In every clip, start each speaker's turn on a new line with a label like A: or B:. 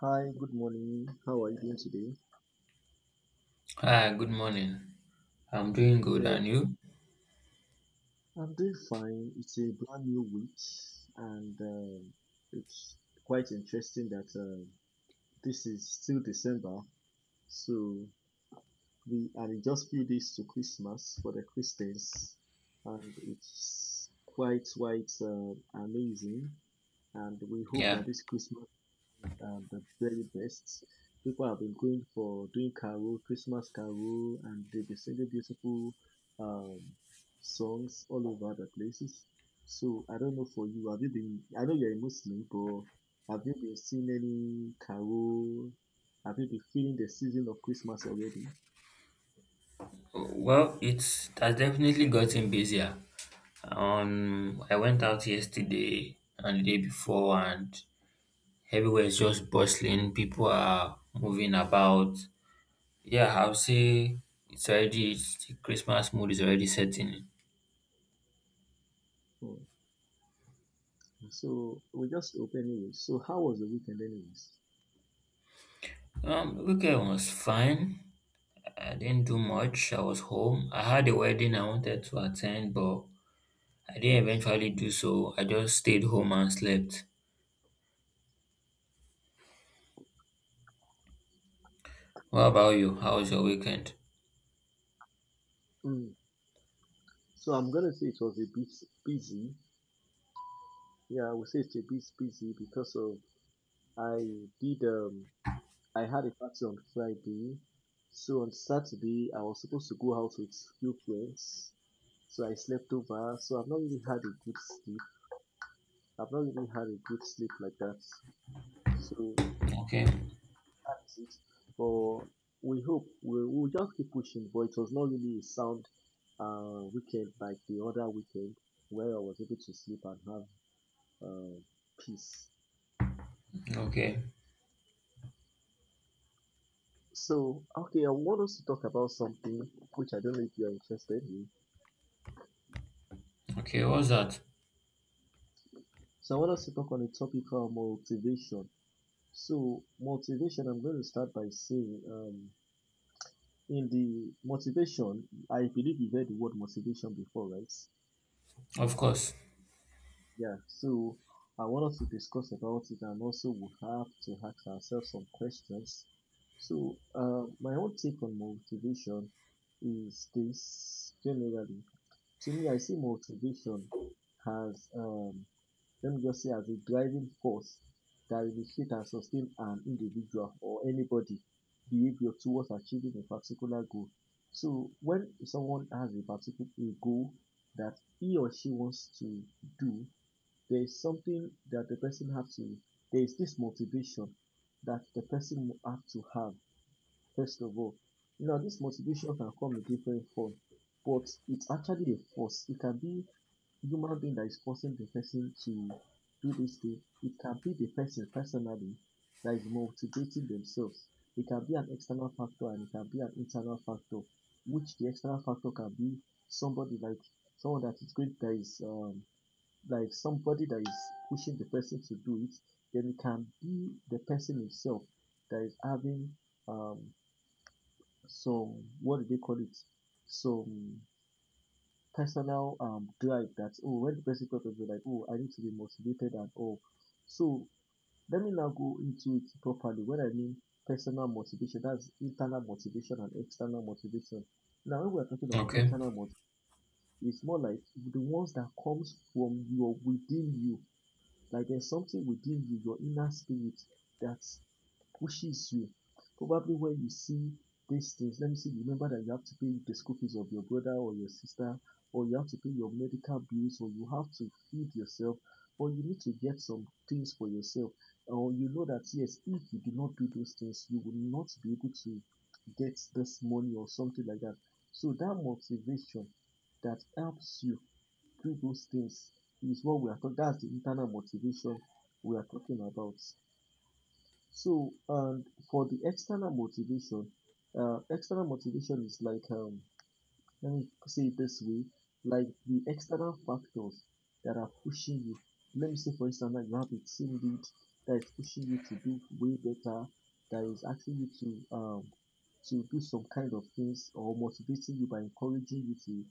A: Hi, good morning. How are you doing today?
B: Ah, good morning. I'm doing good,
A: Yeah,
B: and you?
A: I'm doing fine. It's a brand new week, and it's quite interesting that this is still December, so we are in just few days to Christmas for the Christians, and it's quite amazing. And we hope
B: Yeah.
A: that this Christmas the very best. People have been going for doing carol, Christmas carol, and they've been singing beautiful um, songs all over the places. So I don't know for you, have you been? I know you're a Muslim, but have you been seeing any carol? Have you been feeling the season of Christmas already?
B: Well, it has definitely gotten busier. I went out yesterday and the day before, and everywhere is just bustling. People are moving about. Yeah, I'll say the Christmas mood is already setting in.
A: Oh, so we just hope anyway. So how was the weekend anyways?
B: The weekend was fine. I didn't do much. I was home. I had a wedding I wanted to attend, but I didn't eventually do so. I just stayed home and slept. What about you? How was your weekend?
A: Mm. So I'm gonna say it was a bit busy. Yeah, I would say it's a bit busy because of I did I had a party on Friday. So on Saturday I was supposed to go out with few friends. So I slept over. So I've not really had a good sleep. I've not really had a good sleep like that. So
B: Okay,
A: that is it. But we hope we will just keep pushing. But it was not really a sound weekend like the other weekend where I was able to sleep and have uh, peace.
B: okay,
A: So okay, I want us to talk about something which I don't know if you are interested in.
B: okay. What's that?
A: So I want us to talk on the topic of motivation. So motivation, I'm going to start by saying, in the motivation, I believe you've heard the word motivation before, right?
B: Of course.
A: Yeah. So I want us to discuss about it, and also we have to ask ourselves some questions. So my own take on motivation is this: generally, to me, I see motivation as let me just say as a driving force that initiate and sustain an individual or anybody behavior towards achieving a particular goal. So when someone has a particular a goal that he or she wants to do, there is something that the person has to, there is this motivation that the person will have to have, first of all. Now, this motivation can come in different form, but it's actually a force. It can be human being that is causing the person to do this thing, it can be the person personally that is motivating themselves. It can be an external factor and it can be an internal factor, which the external factor can be somebody like someone that is great that is like somebody that is pushing the person to do it. Then it can be the person himself that is having um some what do they call it? Some personal drive that oh when the person talk of it, like oh I need to be motivated and all. So let me now go into it properly. When I mean personal motivation, that's internal motivation and external motivation. Now when we're talking of
B: Okay.
A: internal motivation, it's more like the ones that comes from your within you like there's something within you, your inner spirit that pushes you. Probably when you see these things, let me see, remember that you have to pay the school fees of your brother or your sister, or you have to pay your medical bills, or you have to feed yourself, or you need to get some things for yourself, or you know that yes, if you do not do those things, you will not be able to get this money or something like that. So that motivation that helps you do those things is what we are talking. That's the internal motivation we are talking about. So, and for the external motivation is like let me say it this way, like the external factors that are pushing you. Let me say, for instance, that you have a team lead that is pushing you to do way better, that is asking you to do some kind of things or motivating you by encouraging you to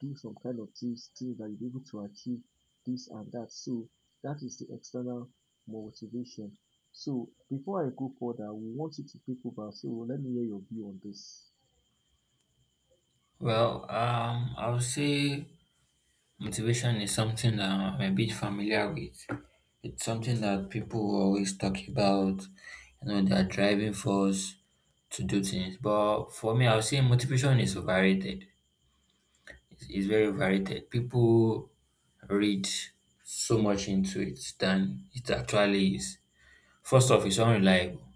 A: do some kind of things, things that you're able to achieve this and that. So that is the external motivation. So before I go further, we want you to pick over. So let me hear your view on this.
B: Well, I would say motivation is something that I'm a bit familiar with. It's something that people always talk about. You know, their driving force to do things. But for me, I would say motivation is overrated. It's very overrated. People read so much into it than it actually is. First off, it's unreliable.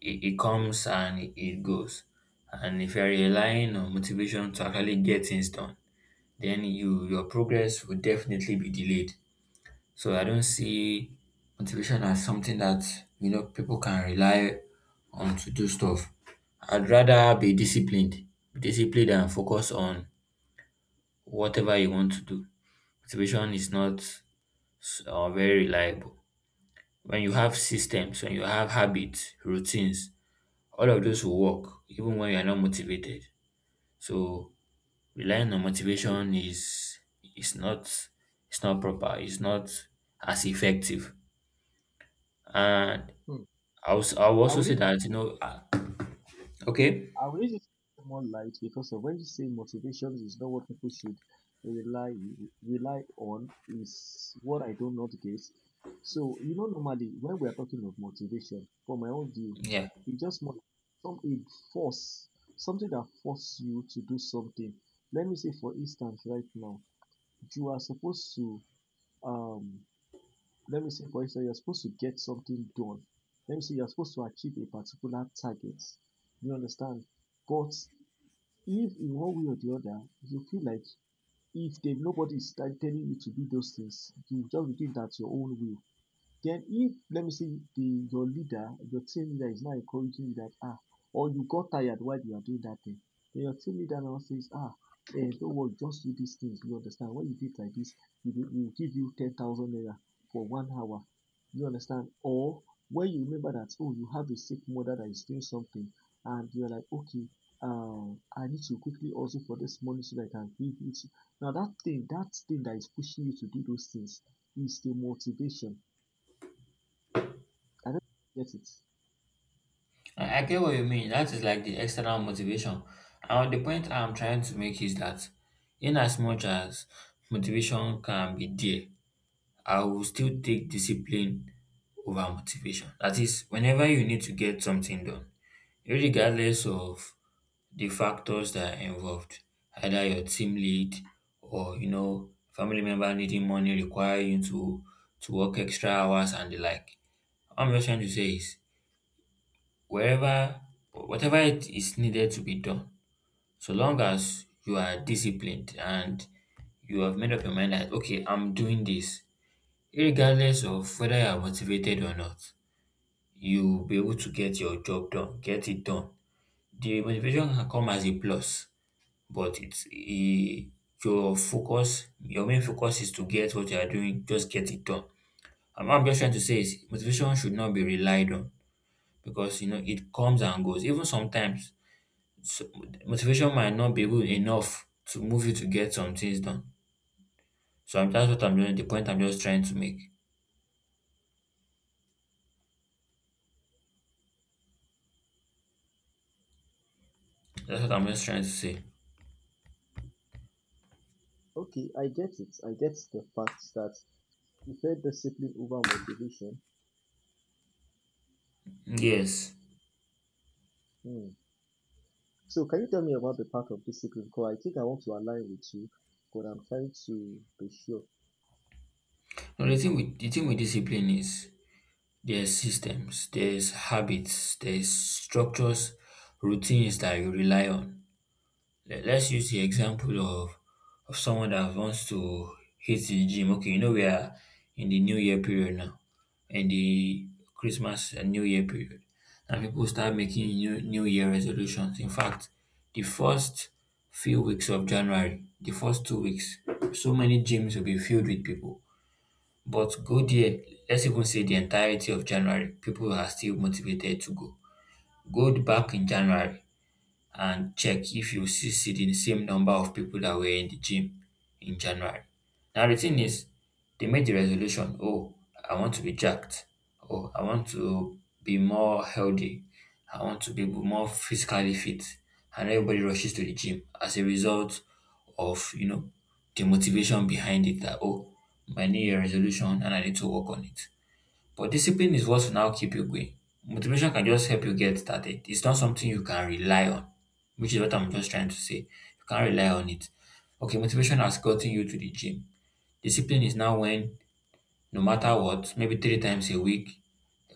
B: It comes and it goes. And if you're relying on motivation to actually get things done, then your progress will definitely be delayed. So I don't see motivation as something that, you know, people can rely on to do stuff. I'd rather be disciplined and focus on whatever you want to do. Motivation is not very reliable. When you have systems, when you have habits, routines, all of those will work even when you are not motivated, so relying on motivation is not it's not proper, it's not as effective, and
A: Hmm.
B: I was I I'll
A: I
B: also
A: will
B: say
A: leave
B: that, you know, okay,
A: I would use it more light because of when you say motivations, is not what people should rely rely on is what I do not get. So you know normally when we are talking of motivation, from my own view,
B: yeah,
A: it just more some a force something that force you to do something. Let me say for instance right now, you are supposed to um let me say for instance you're supposed to get something done. Let me say you're supposed to achieve a particular target. You understand? But if in one way or the other you feel like if there nobody is telling you to do those things you just do it at your own will, then if let me see the your leader, your team leader is now encouraging you that ah or you got tired while you are doing that thing, then your team leader now says ah eh don't worry just do these things you understand when you do like this we will give you 10,000 naira for 1 hour you understand or when you remember that oh you have a sick mother that is doing something and you are like okay I need to quickly also for this money so that I can give it now that thing that thing that is pushing you to do those things is the motivation I don't get it.
B: I get what you mean. That is like the external motivation, and the point I'm trying to make is that in as much as motivation can be there, I will still take discipline over motivation. That is whenever you need to get something done, regardless of the factors that are involved, either your team lead or, you know, family member needing money require you to work extra hours and the like. What I'm just trying to say is wherever whatever it is needed to be done, so long as you are disciplined and you have made up your mind that okay, I'm doing this, regardless of whether you are motivated or not, you'll be able to get your job done, get it done. The motivation can come as a plus, but your focus, your main focus is to get what you are doing, just get it done. And what I'm just trying to say is motivation should not be relied on because, you know, it comes and goes. Even sometimes, so, motivation might not be good enough to move you to get some things done. That's what I'm doing. The point I'm just trying to make. That's what I'm just trying to say.
A: Okay, I get it. I get the fact that you felt discipline over motivation.
B: Yes.
A: Hmm. So can you tell me about the part of discipline? Because I think I want to align with you, but I'm trying to be sure.
B: No, the thing with discipline is there's systems, there's habits, there's structures, routines that you rely on. Let's use the example of someone that wants to hit the gym. Okay, you know, we are in the New Year period now, in the Christmas and New Year period, and people start making new New Year resolutions. In fact, the first few weeks of January, the first two weeks, so many gyms will be filled with people, but go there, let's even say the entirety of January, people are still motivated to go. Go back in January and check if you still see the same number of people that were in the gym in January. Now, the thing is, they made the resolution, oh, I want to be jacked. Oh, I want to be more healthy. I want to be more physically fit. And everybody rushes to the gym as a result of, you know, the motivation behind it that, oh, my new year resolution and I need to work on it. But discipline is what will now keep you going. Motivation can just help you get started. It's not something you can rely on, which is what I'm just trying to say. You can't rely on it. Okay, motivation has gotten you to the gym. Discipline is now when, no matter what, maybe three times a week,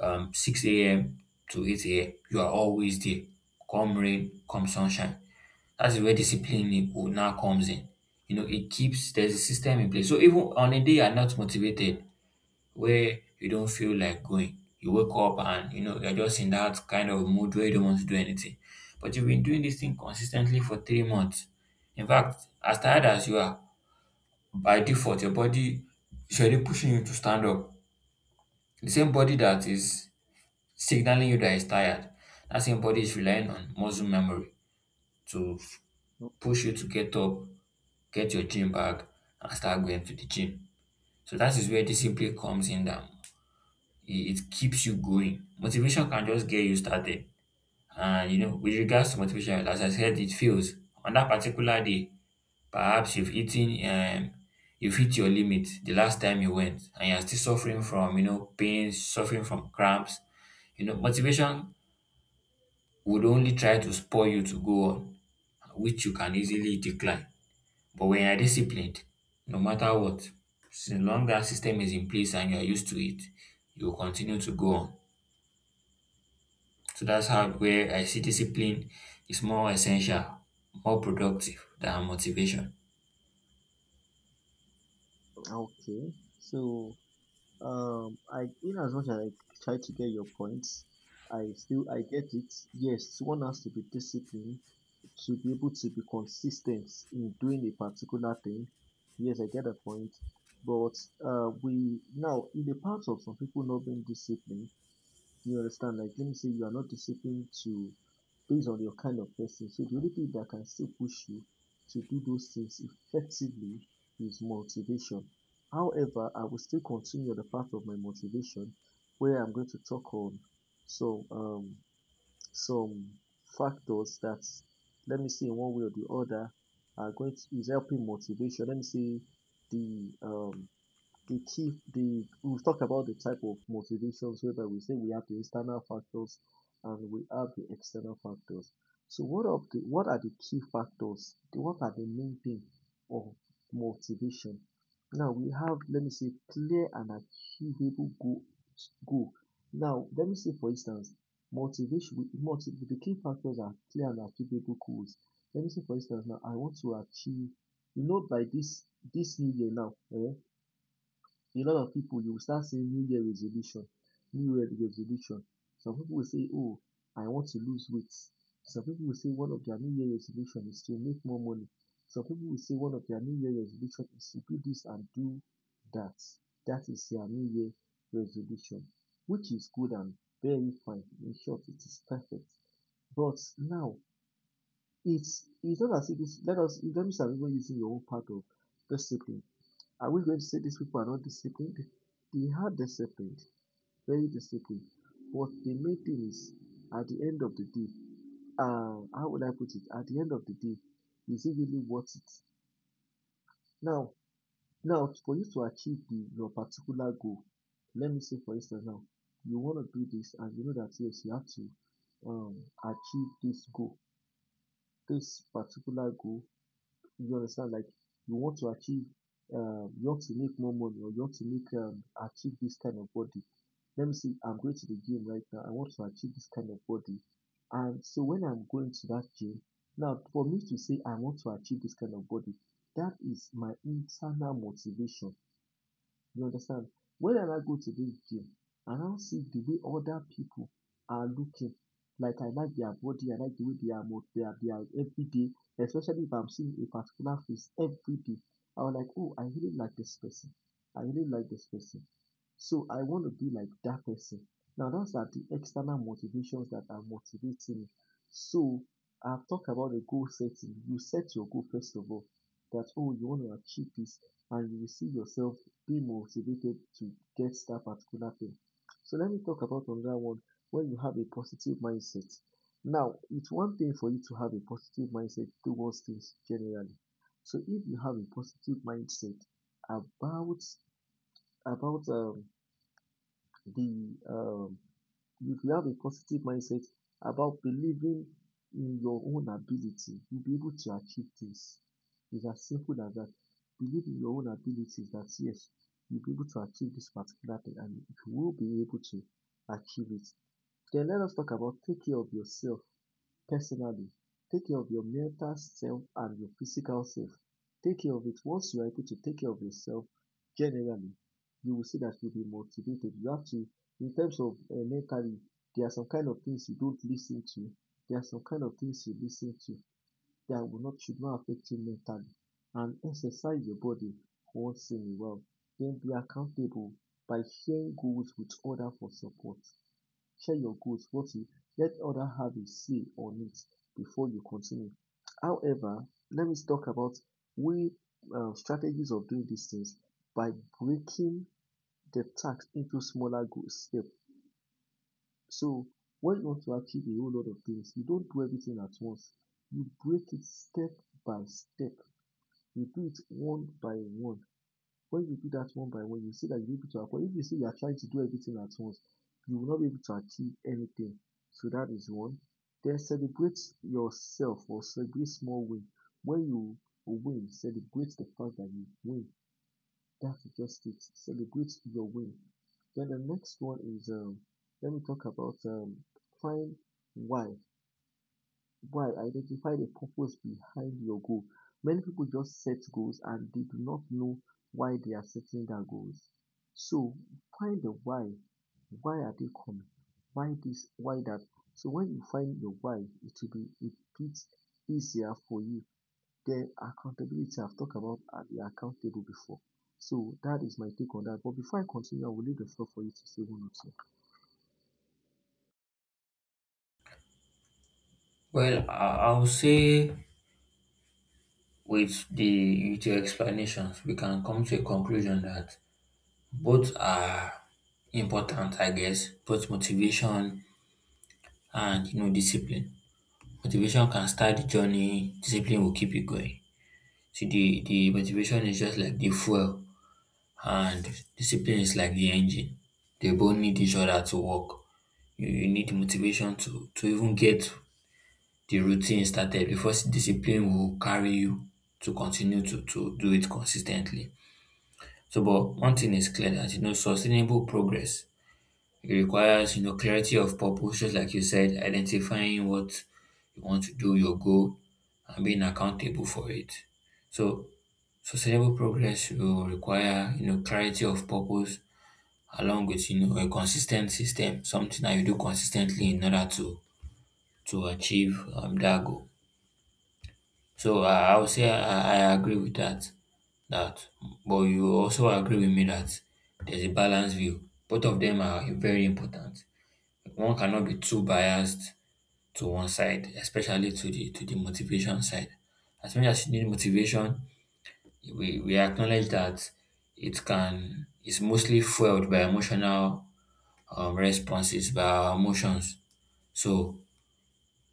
B: 6 a.m. to 8 a.m., you are always there. Come rain, come sunshine. That's where discipline will now comes in. You know, it keeps, there's a system in place. So even on a day you're not motivated, where you don't feel like going. You wake up and you know you're just in that kind of mood where you don't want to do anything. But you've been doing this thing consistently for three months. In fact, as tired as you are, by default, your body is already pushing you to stand up. The same body that is signaling you that it's tired, that same body is relying on muscle memory to
A: No,
B: push you to get up, get your gym bag, and start going to the gym. So that is where discipline comes in, that it, it keeps you going. Motivation can just get you started. And you know, with regards to motivation, as I said, it fails on that particular day, perhaps you've eaten, you've hit your limit the last time you went and you're still suffering from, you know, pain, suffering from cramps. You know, motivation would only try to spur you to go on, which you can easily decline. But when you're disciplined, no matter what, so long that system is in place and you're used to it, you will continue to go on. So that's how where I see discipline is more essential, more productive than motivation.
A: okay. So I in as much as I try to get your points, I still I get it. Yes, one has to be disciplined to be able to be consistent in doing a particular thing. Yes, I get the point. But we now in the part of some people not being disciplined, you understand? Like, let me say you are not disciplined to based on your kind of person. So the only thing that can still push you to do those things effectively is motivation. However, I will still continue the path of my motivation where I'm going to talk on some um some factors that let me say in one way or the other are going to is helping motivation. Let me say the um the key the we've talked about the type of motivations whereby we say we have the internal factors and we have the external factors. So what of the what are the key factors? What are the main thing of motivation? Now we have let me say clear and achievable goal. Now let me say for instance motivation motiv the key factors are clear and achievable goals. Let me say for instance now I want to achieve you know by this new year now a lot of people you will start seeing New Year resolution, New Year resolution. Some people will say, "Oh, I want to lose weight." Some people will say one of their New Year resolution is to make more money. Some people will say one of their New Year resolution is to do this and do that. That is their New Year resolution, which is good and very fine. In short, it is perfect. But now, it's not as if it's, let us let me start even using your own part of discipline. Are we going to say these people are not disciplined? They are disciplined, very disciplined. But the main thing is, at the end of the day, how would I put it? At the end of the day, is it really worth it? Now, now for you to achieve the, your particular goal, let me say for instance now, you want to do this and you know that yes, you have to achieve this goal, this particular goal. You understand? Like you want to achieve, you want to make more money or you want to make achieve this kind of body. Let me see, I'm going to the gym right now. I want to achieve this kind of body. And so when I'm going to that gym, now for me to say I want to achieve this kind of body, that is my internal motivation. You understand? Where am I go today here and I now see the way other people are looking. Like I like their body, I like the way they are, they are, they are every day, especially if I'm seeing a particular face every day. I was like, oh, I really like this person. I really like this person. So I want to be like that person. Now those are the external motivations that are motivating me. So I've talked about the goal setting. You set your goal first of all. That oh you want to achieve this and you will see yourself be motivated to get that particular thing. So let me talk about another one when you have a positive mindset. Now, it's one thing for you to have a positive mindset towards things generally. So if you have a positive mindset about about the if you have a positive mindset about believing in your own ability, you'll be able to achieve things. It's as simple as that. Believe in your own abilities that yes, you'll be able to achieve this particular thing and you will be able to achieve it. Then let us talk about take care of yourself. Personally, take care of your mental self and your physical self. Take care of it. Once you are able to take care of yourself generally, you will see that you'll be motivated. You have to, in terms of mentally, there are some kind of things you don't listen to. There are some kind of things you listen to that will not should not affect you mentally. And exercise your body once in a while. Then be accountable by sharing goals with others for support. Share your goals, not to let others have a say on it before you continue. However, let me talk about we strategies of doing these things by breaking the task into smaller goal. So when you want to achieve a whole lot of things, you don't do everything at once. You break it step by step. You do it one by one. When you do that one by one, you see that you are able to acquire. If you see you are trying to do everything at once, you will not be able to achieve anything. So that is one. Then celebrate yourself or celebrate small win. When you win, celebrate the fact that you win. That's just it. Celebrate your win. Then the next one is let me talk about find why. Why? Identify the purpose behind your goal. Many people just set goals and they do not know why they are setting their goals. So find the why. Why are they coming? Why this? Why that? So when you find your why, it will be a bit easier for you. Then accountability, I've talked about be accountable before. So that is my take on that. But before I continue, I will leave the floor for you to say one
B: Well, I'll say with the with your explanations, we can come to a conclusion that both are important, I guess, both motivation and, you know, discipline. Motivation can start the journey, discipline will keep you going. See, the motivation is just like the fuel. And discipline is like the engine. They both need each other to work. You need motivation to even get the routine started because discipline will carry you to continue to do it consistently. So, but one thing is clear that, you know, sustainable progress, it requires, you know, clarity of purpose, just like you said, identifying what you want to do, your goal, and being accountable for it. So, sustainable progress will require, you know, clarity of purpose, along with, you know, a consistent system, something that you do consistently in order to achieve that goal. So I would say I agree with that. That, but you also agree with me that there's a balanced view. Both of them are very important. One cannot be too biased to one side, especially to the motivation side. As much as you need motivation, we acknowledge that it's mostly fueled by emotional responses by our emotions. So,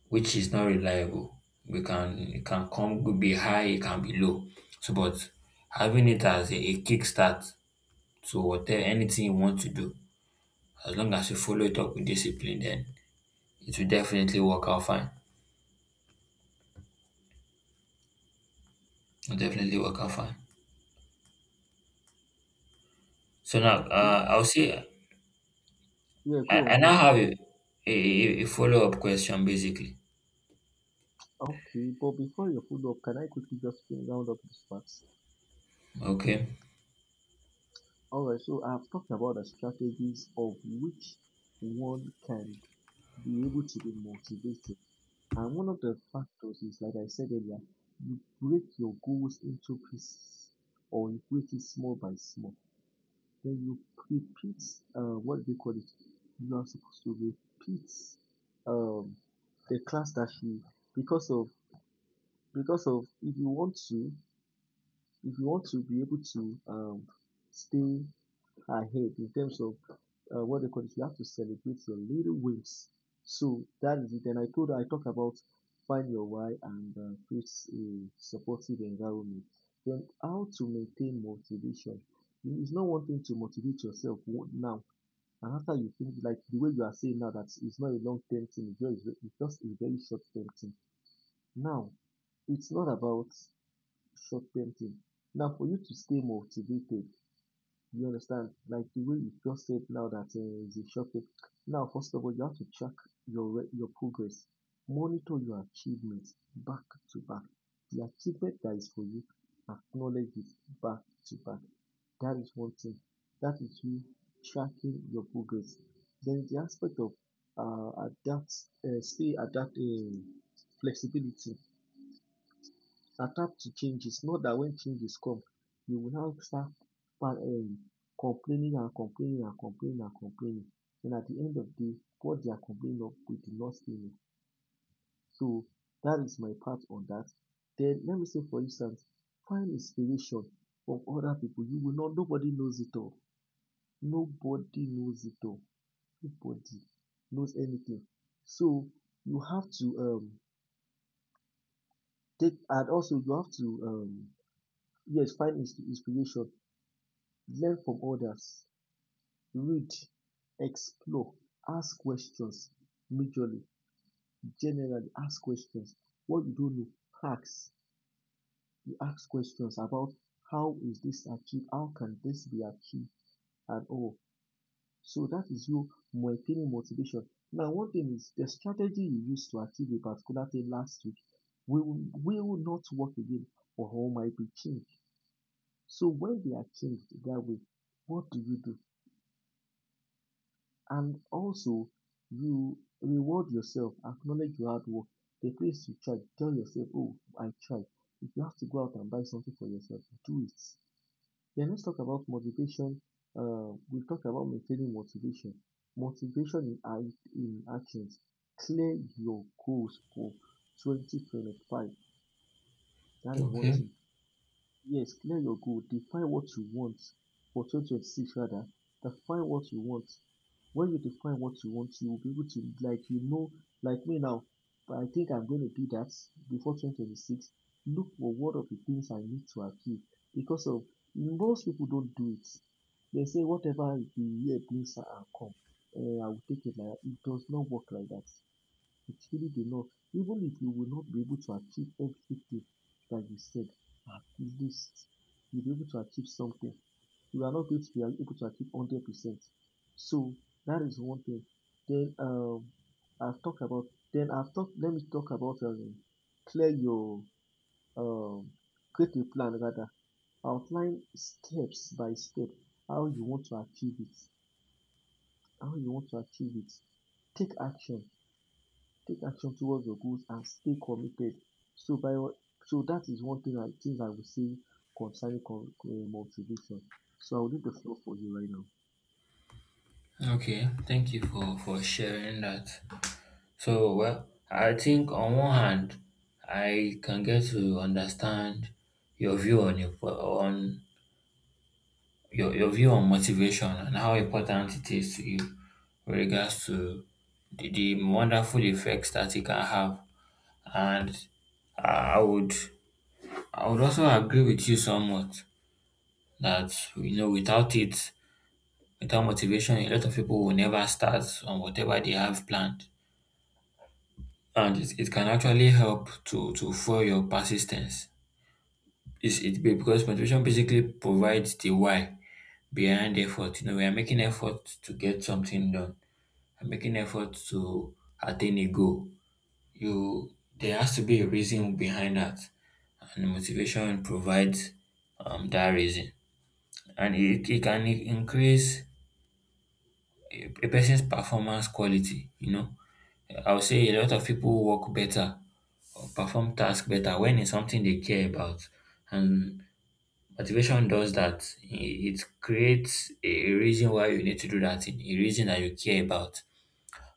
B: which is not reliable. We can It can come, could be high, it can be low. So, but having it as a kickstart to whatever anything you want to do, as long as you follow it up with discipline, then it will definitely work out fine. It will definitely work out fine. So now,
A: or two. Okay.
B: I'll say
A: Yeah,
B: I,
A: go
B: I
A: on, go
B: now
A: on.
B: have a, a follow up question, basically.
A: Okay, but before you follow up, can I quickly just round up this part?
B: Okay.
A: All right, so I've talked about the strategies of which one can be able to be motivated. And one of the factors is, like I said earlier, you break your goals into pieces or you break it small by small. Then you repeat, what do they call it? You are supposed to repeat um, the class that you, because of, because of, if you want to, if you want to be able to stay ahead in terms of what they call it, you have to celebrate your little wins. So that is it. And I talked about find your why and create a supportive environment. Then how to maintain motivation. It's not one thing to motivate yourself now. And after you finish, like the way you are saying now, that it's not a long term thing, it's just a very short term thing. Now, it's not about short term thing. Now for you to stay motivated, you understand, like the way you just said now that is a short term. Now, first of all, you have to track your your progress, monitor your achievements back to back. The achievement that is for you, acknowledge it back to back. That is one thing. That is you tracking your progress. Then the aspect of adapt, stay adapt, flexibility adapt to changes, not that when changes come you will now start um complaining and complaining and complaining and complaining. And at the end of the day, what they are complaining of we do not say no. So that is my part on that. Then let me say for instance find inspiration from other people. You will not, nobody knows it all, nobody knows it all, nobody knows anything. So you have to take, and also you have to yes find inspiration. Learn from others, read, explore, ask questions majorly, generally ask questions. What you don't know, ask. You ask questions about how is this achieved, how can this be achieved, and all. So that is you maintaining motivation. Now, one thing is the strategy you used to achieve a particular thing last week will not work again or might be changed. So when they are changed that way, what do you do? And also, you reward yourself, acknowledge your hard work. The place you tried, tell yourself, oh, I tried. If you have to go out and buy something for yourself, do it. Then let's talk about motivation. We'll talk about maintaining motivation. Motivation in actions. Clear your goals for 2025. That is one
B: Okay.
A: thing. Yes, clear your goal. Define what you want for 2026 rather. Define what you want. When you define what you want, you will be able to like you know, like me now, but I think I'm going to do that before 2026. Look for what of the things I need to achieve because of most people don't do it. They say whatever the year brings and come, eh, I will take it like that. It does not work like that. It's really the law. Even if you will not be able to achieve everything that you said, at least you'll be able to achieve something. You are not going to be able to achieve 100%. So that is one thing. Then I've talked about, let me talk about clear your, um, create a plan rather. Outline steps by step how you want to achieve it, how you want to achieve it. Take action Take action towards your goals and stay committed. So by so that is one thing I things I would say concerning con motivation. So I will leave the floor for you right now.
B: Okay. Thank you for sharing that. So, well, I think on one hand, I can get to understand your view on your view on motivation and how important it is to you with regards to the wonderful effects that it can have. And I would I would also agree with you somewhat that, you know, without it, without motivation, a lot of people will never start on whatever they have planned, and it can actually help to fuel your persistence. Because motivation basically provides the why behind effort. You know, we are making effort to get something done. I'm making effort to attain a goal. You There has to be a reason behind that, and motivation provides that reason, and it can increase a person's performance quality. You know, I would say a lot of people work better or perform tasks better when it's something they care about, and motivation does that. It creates a reason why you need to do that thing, a reason that you care about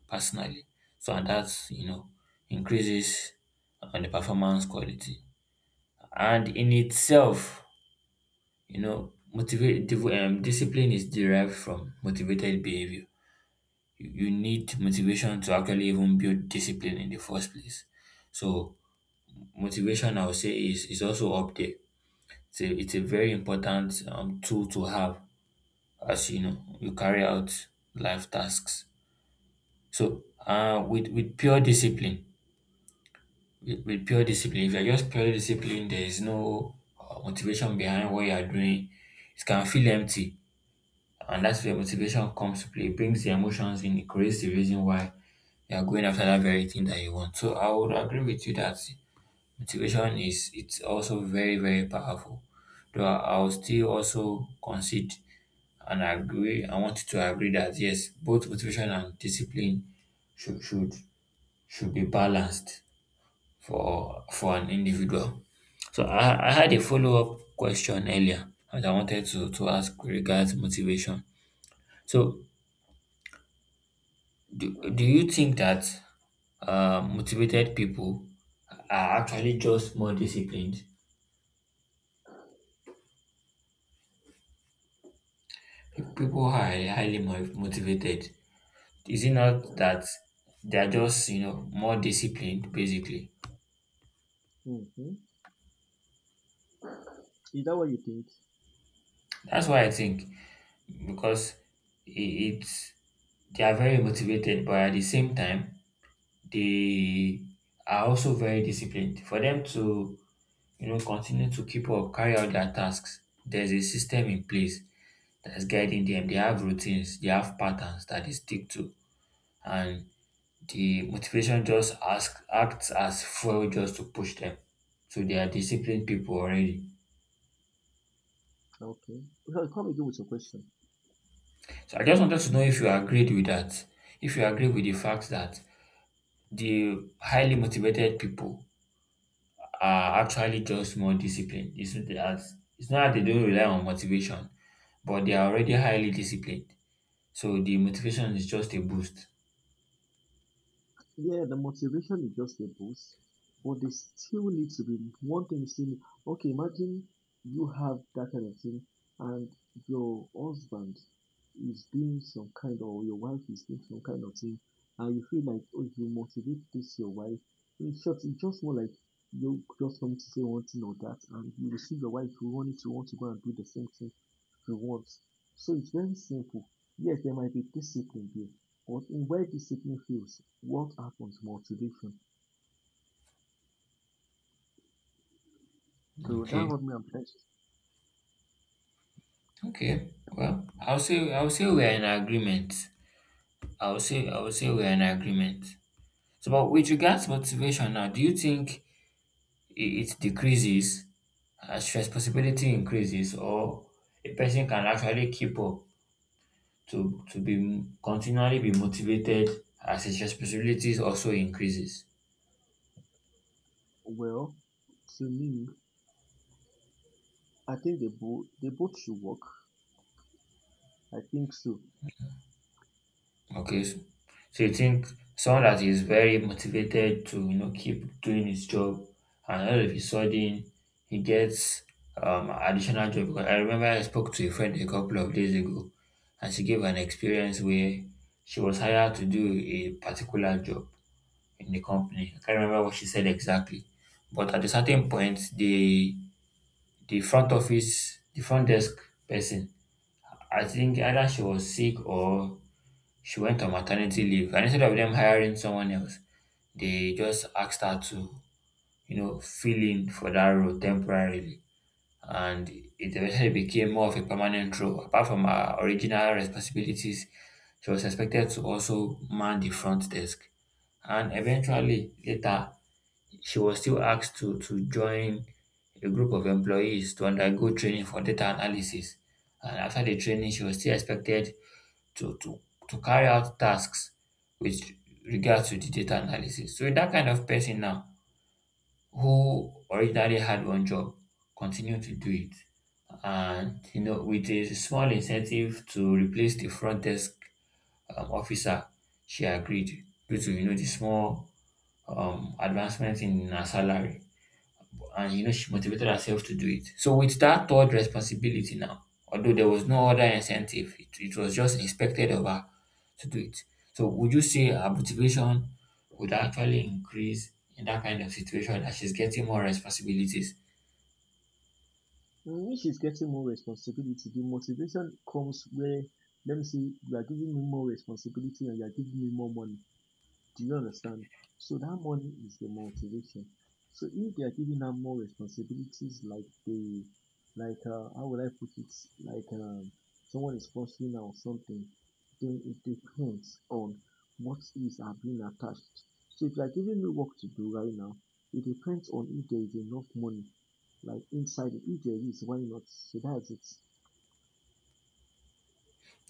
B: personally. So, and that, you know, increases on the performance quality. And in itself, you know, discipline is derived from motivated behavior. You need motivation to actually even build discipline in the first place. So, motivation, I would say, is also up there. It's a very important tool to have as you know you carry out life tasks. So with pure discipline, with pure discipline, if you're just purely disciplined, there is no motivation behind what you are doing. It can feel empty, and that's where motivation comes to play. It brings the emotions in, it creates the reason why you are going after that very thing that you want. So I would agree with you that Motivation is it's also very, very powerful. Though I'll still also concede and agree. I want to agree that yes, both motivation and discipline should should be balanced for an individual. So I had a follow up question earlier that I wanted to ask regards motivation. So do you think that motivated people are actually just more disciplined. People are highly motivated. Is it not that they are just, you know, more disciplined, basically?
A: Mhm. Is that what you think?
B: That's why I think, because it, it's they are very motivated, but at the same time, they are also very disciplined. For them to, you know, continue to keep up, carry out their tasks, there's a system in place that's guiding them. They have routines, they have patterns that they stick to, and the motivation just ask acts as fuel just to push them. So they are disciplined people already.
A: Okay. So come again with your question.
B: So I just wanted to know if you agreed with that. If you agree with the fact that the highly motivated people are actually just more disciplined. It's not that they don't rely on motivation, but they are already highly disciplined. So the motivation is just a boost.
A: Yeah, the motivation is just a boost, but they still need to be one thing. Is Still, okay, imagine you have that kind of thing, and your husband is doing some kind, or your wife is doing some kind of thing, and you feel like, oh, if you motivate this your wife. In short, it's just more like you just come to say one thing or that, and you will see your wife who wanted to want to go and do the same thing she wants. So it's very simple. Yes, there might be discipline there but in where this signal fails, what happens? Motivation. So that
B: Okay.
A: what me I
B: Okay. Well, I'll say we're in agreement. I'll say we're in agreement. So, but with regards to motivation now, do you think i- it decreases as responsibility increases, or a person can actually keep up to be continually be motivated as his responsibilities also increases?
A: well, to me, I think they both should work. I think so.
B: Okay. So you think someone that is very motivated to, you know, keep doing his job, and all of a sudden he gets additional job. Because I remember I spoke to a friend a couple of days ago, and she gave an experience where she was hired to do a particular job in the company. I can't remember what she said exactly, but at a certain point, the front office, the front desk person, I think either she was sick or she went on maternity leave, and instead of them hiring someone else, they just asked her to, you know, fill in for that role temporarily. And it eventually became more of a permanent role. Apart from her original responsibilities, she was expected to also man the front desk. And eventually, later, she was still asked to join a group of employees to undergo training for data analysis. And after the training, she was still expected to to to carry out tasks with regard to the data analysis. So that kind of person now, who originally had one job, continue to do it, and, you know, with a small incentive to replace the front desk officer, she agreed due to, you know, the small advancement in her salary, and, you know, she motivated herself to do it. So with that third responsibility now, although there was no other incentive, it was just expected of her to do it. So would you say her motivation would actually increase in that kind of situation as she's getting more responsibilities?
A: When she's getting more responsibility, the motivation comes where let me see, you are giving me more responsibility and you are giving me more money. Do you understand? So that money is the motivation. So if they are giving out more responsibilities, like like how would I put it? Like someone is sponsoring her or something, then it depends on what is are being attached. So if you are giving me work to do right now, it depends on if there is enough money, like inside it. If there is, why not? So that's it.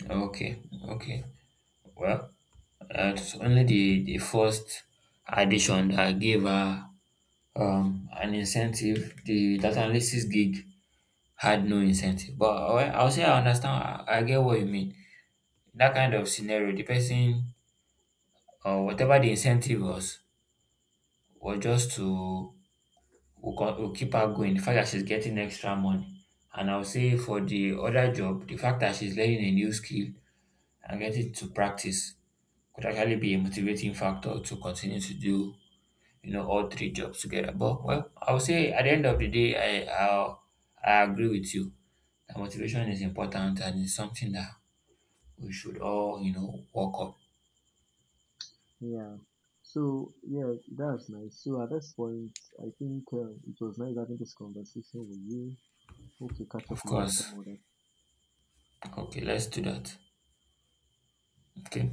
B: Okay, okay. Well, it's only the first addition that gave her an incentive. The data analysis gig had no incentive, but I'll say I understand. I get what you mean. In that kind of scenario, the person or whatever the incentive was just to will keep her going. The fact that she's getting extra money, and I'll say for the other job, the fact that she's learning a new skill and getting to practice could actually be a motivating factor to continue to do, you know, all three jobs together. But well, I'll say at the end of the day, I I'll, I agree with you that motivation is important and it's something that we should all, you know, work up.
A: Yeah. So yeah, that's nice. So at this point, I think it was nice having this conversation with you. Hope to catch up
B: Of
A: with you
B: course.
A: some other
B: Okay, let's do
A: time.
B: that. Okay.